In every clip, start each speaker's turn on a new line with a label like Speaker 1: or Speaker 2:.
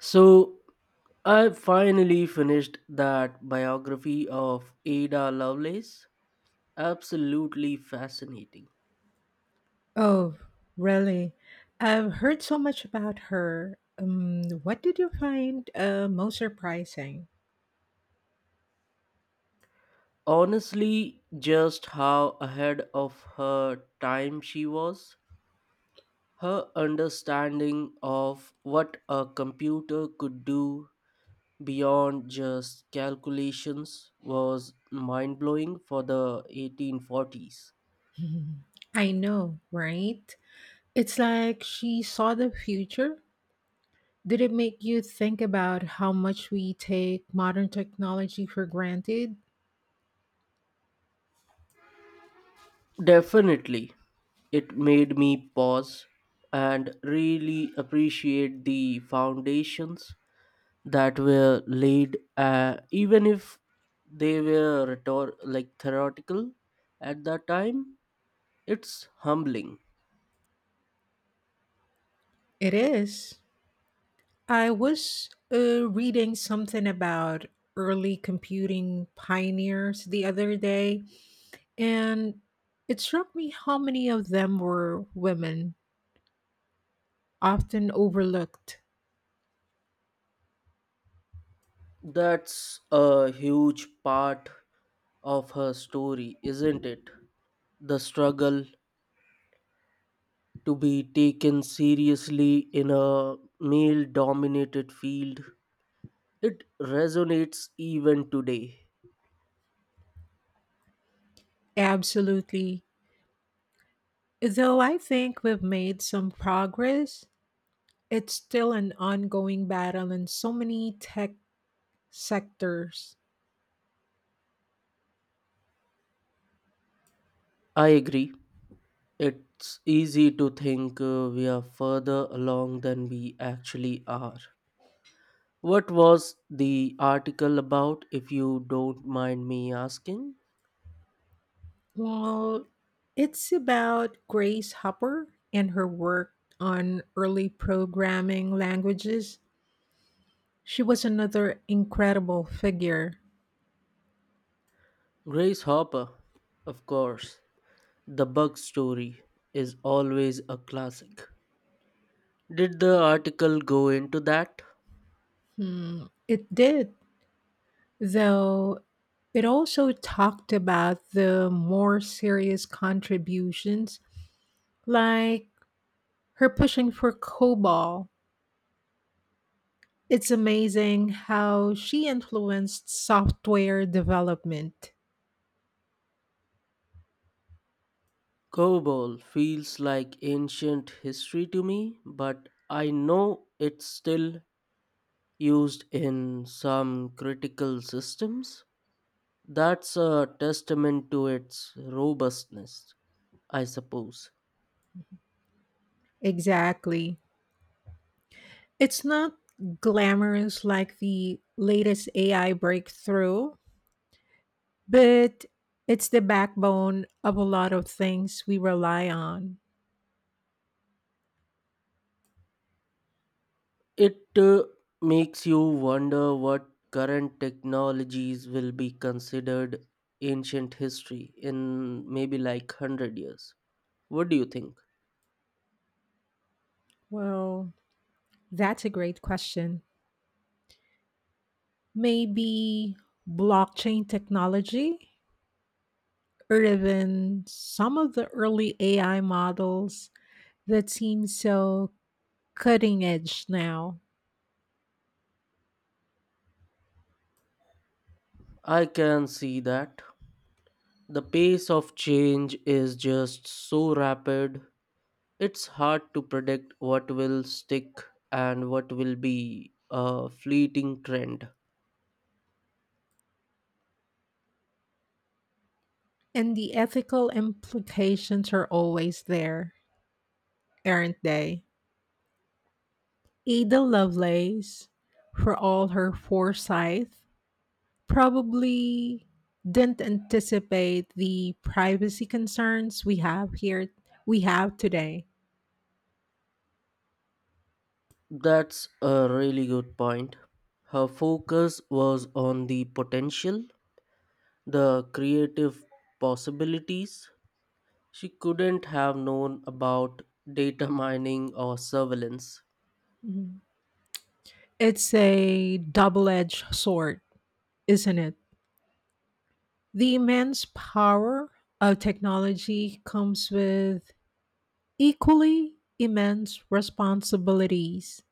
Speaker 1: So I finally finished that biography of Ada Lovelace. Absolutely fascinating.
Speaker 2: Oh, really? I've heard so much about her. What did you find most surprising?
Speaker 1: Honestly, just how ahead of her time she was. Her understanding of what a computer could do beyond just calculations was mind blowing for the 1840s.
Speaker 2: I know, right? It's like she saw the future. Did it make you think about how much we take modern technology for granted?
Speaker 1: Definitely. It made me pause and really appreciate the foundations that were laid, even if they were like theoretical at that time. It's humbling.
Speaker 2: It is. I was reading something about early computing pioneers the other day, and it struck me how many of them were women, often overlooked.
Speaker 1: That's a huge part of her story, isn't it? The struggle to be taken seriously in a male dominated field. It resonates even today.
Speaker 2: Absolutely. Though I think we've made some progress, it's still an ongoing battle in so many tech sectors.
Speaker 1: I agree. It's easy to think we are further along than we actually are. What was the article about, if you don't mind me asking?
Speaker 2: Well, it's about Grace Hopper and her work on early programming languages. She was another incredible figure.
Speaker 1: Grace Hopper, of course. The bug story is always a classic. Did the article go into that?
Speaker 2: Hmm, it did, though it also talked about the more serious contributions, like her pushing for COBOL. It's amazing how she influenced software development.
Speaker 1: Cobol feels like ancient history to me, but I know it's still used in some critical systems. That's a testament to its robustness, I suppose.
Speaker 2: Exactly. It's not glamorous like the latest AI breakthrough, but it's the backbone of a lot of things we rely on.
Speaker 1: It makes you wonder what current technologies will be considered ancient history in maybe like 100 years. What do you think?
Speaker 2: Well, That's a great question. Maybe blockchain technology or even some of the early AI models that seem so cutting edge now.
Speaker 1: I can see that. The pace of change is just so rapid, it's hard to predict what will stick and what will be a fleeting trend.
Speaker 2: And the ethical implications are always there, aren't they? Ada Lovelace, for all her foresight, probably didn't anticipate the privacy concerns we have today.
Speaker 1: That's a really good point. Her focus was on the potential, the creative possibilities. She couldn't have known about data mining or surveillance.
Speaker 2: Mhm. It's a double edged sword, isn't it? The immense power of technology comes with equally immense responsibilities.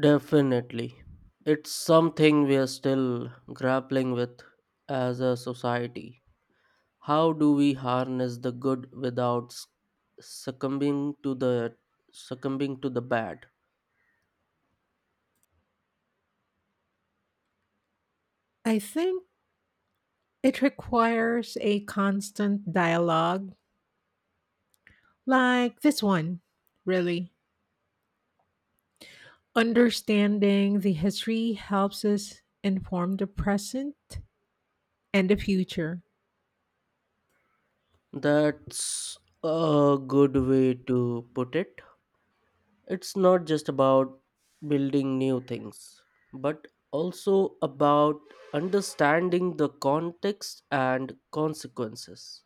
Speaker 1: Definitely. It's something we are still grappling with as a society. How do we harness the good without succumbing to the bad?
Speaker 2: I think it requires a constant dialogue like this one, really. Understanding the history helps us inform the present and the future.
Speaker 1: That's a good way to put it. It's not just about building new things, but also about understanding the context and consequences.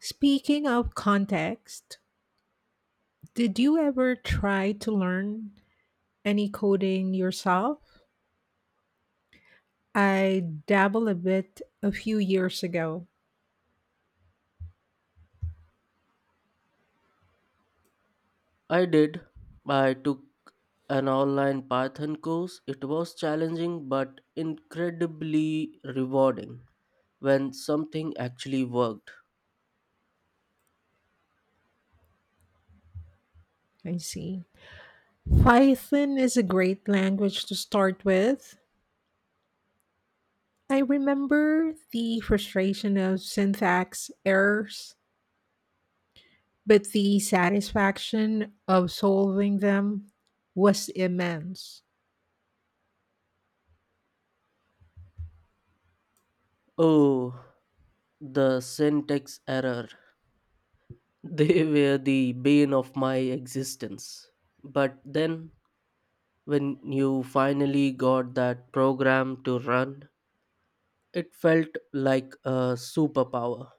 Speaker 2: Speaking of context, did you ever try to learn any coding yourself? I dabble a bit a few years ago.
Speaker 1: I did. I took an online Python course. It was challenging but incredibly rewarding when something actually worked.
Speaker 2: I see. Python is a great language to start with. I remember the frustration of syntax errors, but the satisfaction of solving them was immense.
Speaker 1: Oh, the syntax error. They were the bane of my existence. But then, when you finally got that program to run, it felt like a superpower.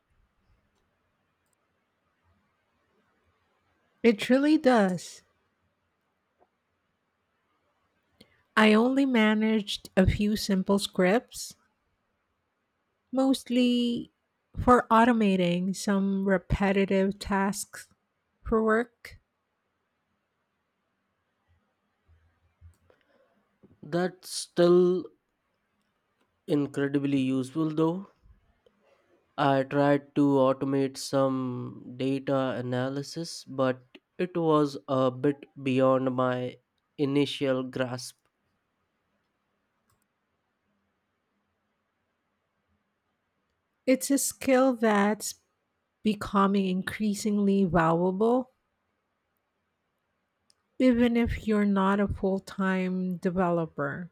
Speaker 2: It truly does. I only managed a few simple scripts, mostly for automating some repetitive tasks for work.
Speaker 1: That's still incredibly useful though. I tried to automate some data analysis, but it was a bit beyond my initial grasp.
Speaker 2: It's a skill that's becoming increasingly valuable even if you're not a full-time developer.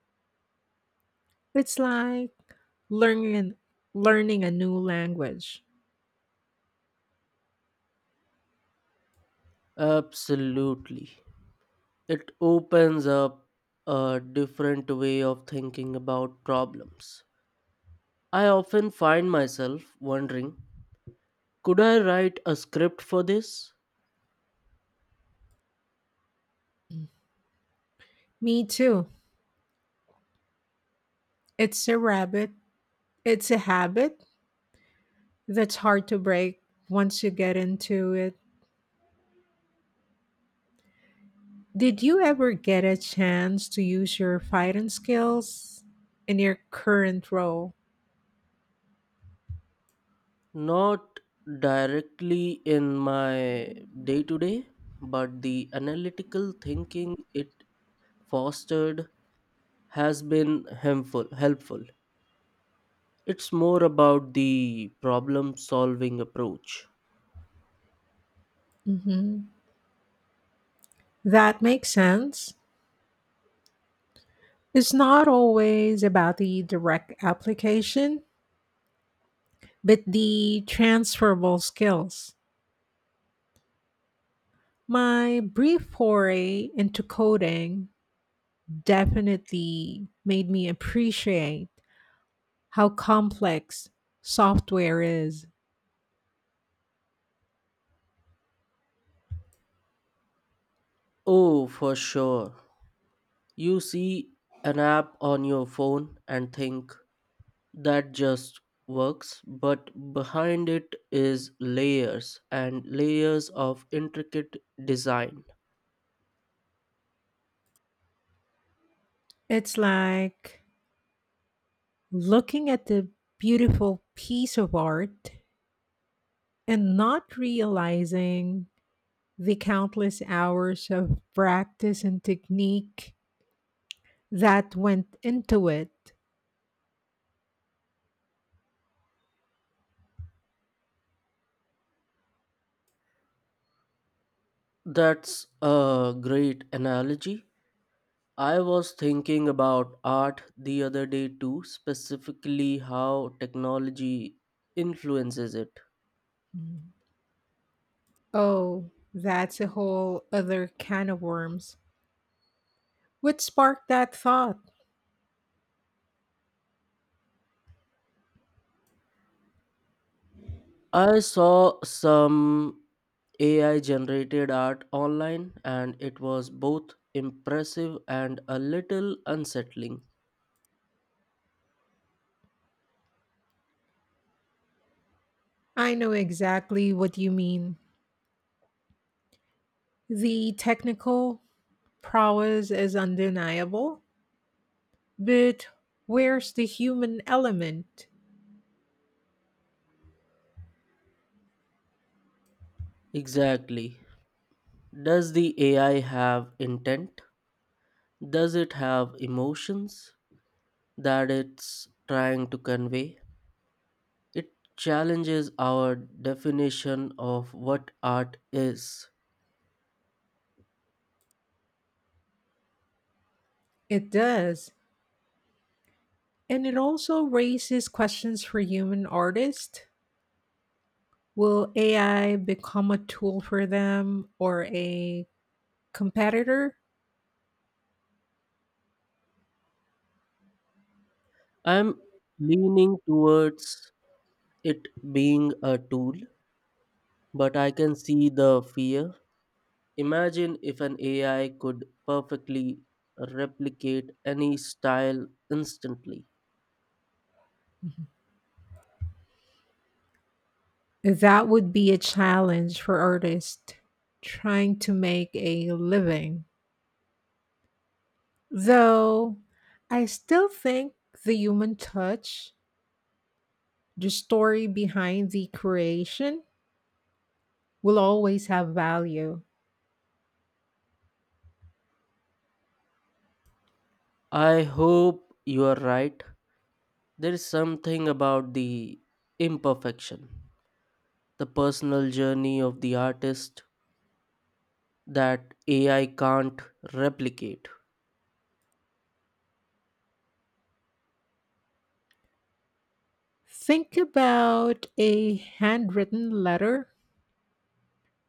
Speaker 2: It's like learning an- learning a new language.
Speaker 1: Absolutely. It opens up a different way of thinking about problems. I often find myself wondering could I write a script for this?
Speaker 2: Me too. It's a rabbit. It's a habit that's hard to break once you get into it. Did you ever get a chance to use your fighting skills in your current role?
Speaker 1: Not directly in my day to day, but the analytical thinking it fostered has been helpful. It's more about the problem solving approach.
Speaker 2: Hmm. That makes sense. It's not always about the direct application, but the transferable skills. My brief foray into coding definitely made me appreciate how complex software is.
Speaker 1: Oh, for sure. You see an app on your phone and think that just works, but behind it is layers and layers of intricate design.
Speaker 2: It's like looking at the beautiful piece of art and not realizing the countless hours of practice and technique that went into it.
Speaker 1: That's a great analogy. I was thinking about art the other day too, specifically how technology influences it.
Speaker 2: Mm. Oh, that's a whole other can of worms. What sparked that thought?
Speaker 1: I saw some AI generated art online and it was both impressive and a little unsettling.
Speaker 2: I know exactly what you mean. The technical prowess is undeniable, but where's the human element?
Speaker 1: Exactly. Does the AI have intent? Does it have emotions that it's trying to convey? It challenges our definition of what art is.
Speaker 2: It does. And it also raises questions for human artists. Will AI become a tool for them or a competitor?
Speaker 1: I'm leaning towards it being a tool, but I can see the fear. Imagine if an AI could perfectly replicate any style instantly.
Speaker 2: That would be a challenge for artists trying to make a living. Though I still think the human touch, the story behind the creation, will always have value.
Speaker 1: I hope you are right. There is something about the imperfection, the personal journey of the artist that AI can't replicate.
Speaker 2: Think about a handwritten letter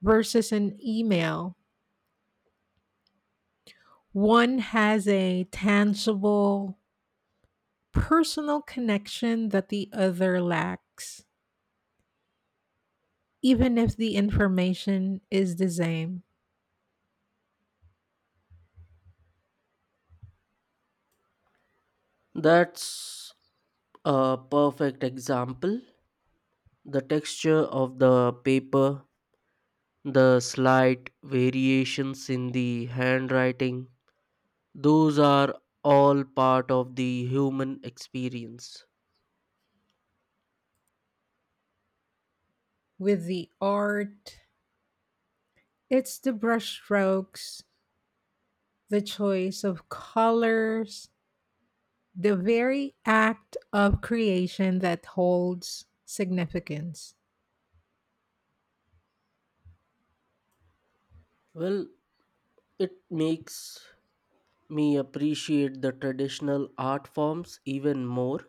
Speaker 2: versus an email. One has a tangible personal connection that the other lacks, even if the information is the same.
Speaker 1: That's a perfect example. The texture of the paper, the slight variations in the handwriting, those are all part of the human experience.
Speaker 2: With the art. It's the brushstrokes, the choice of colors, the very act of creation that holds significance.
Speaker 1: Well, it makes me appreciate the traditional art forms even more.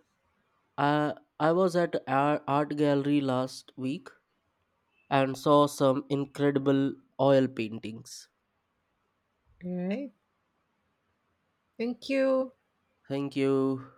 Speaker 1: I, I was at a art gallery last week and saw some incredible oil paintings.
Speaker 2: All right. Thank you.
Speaker 1: Thank you.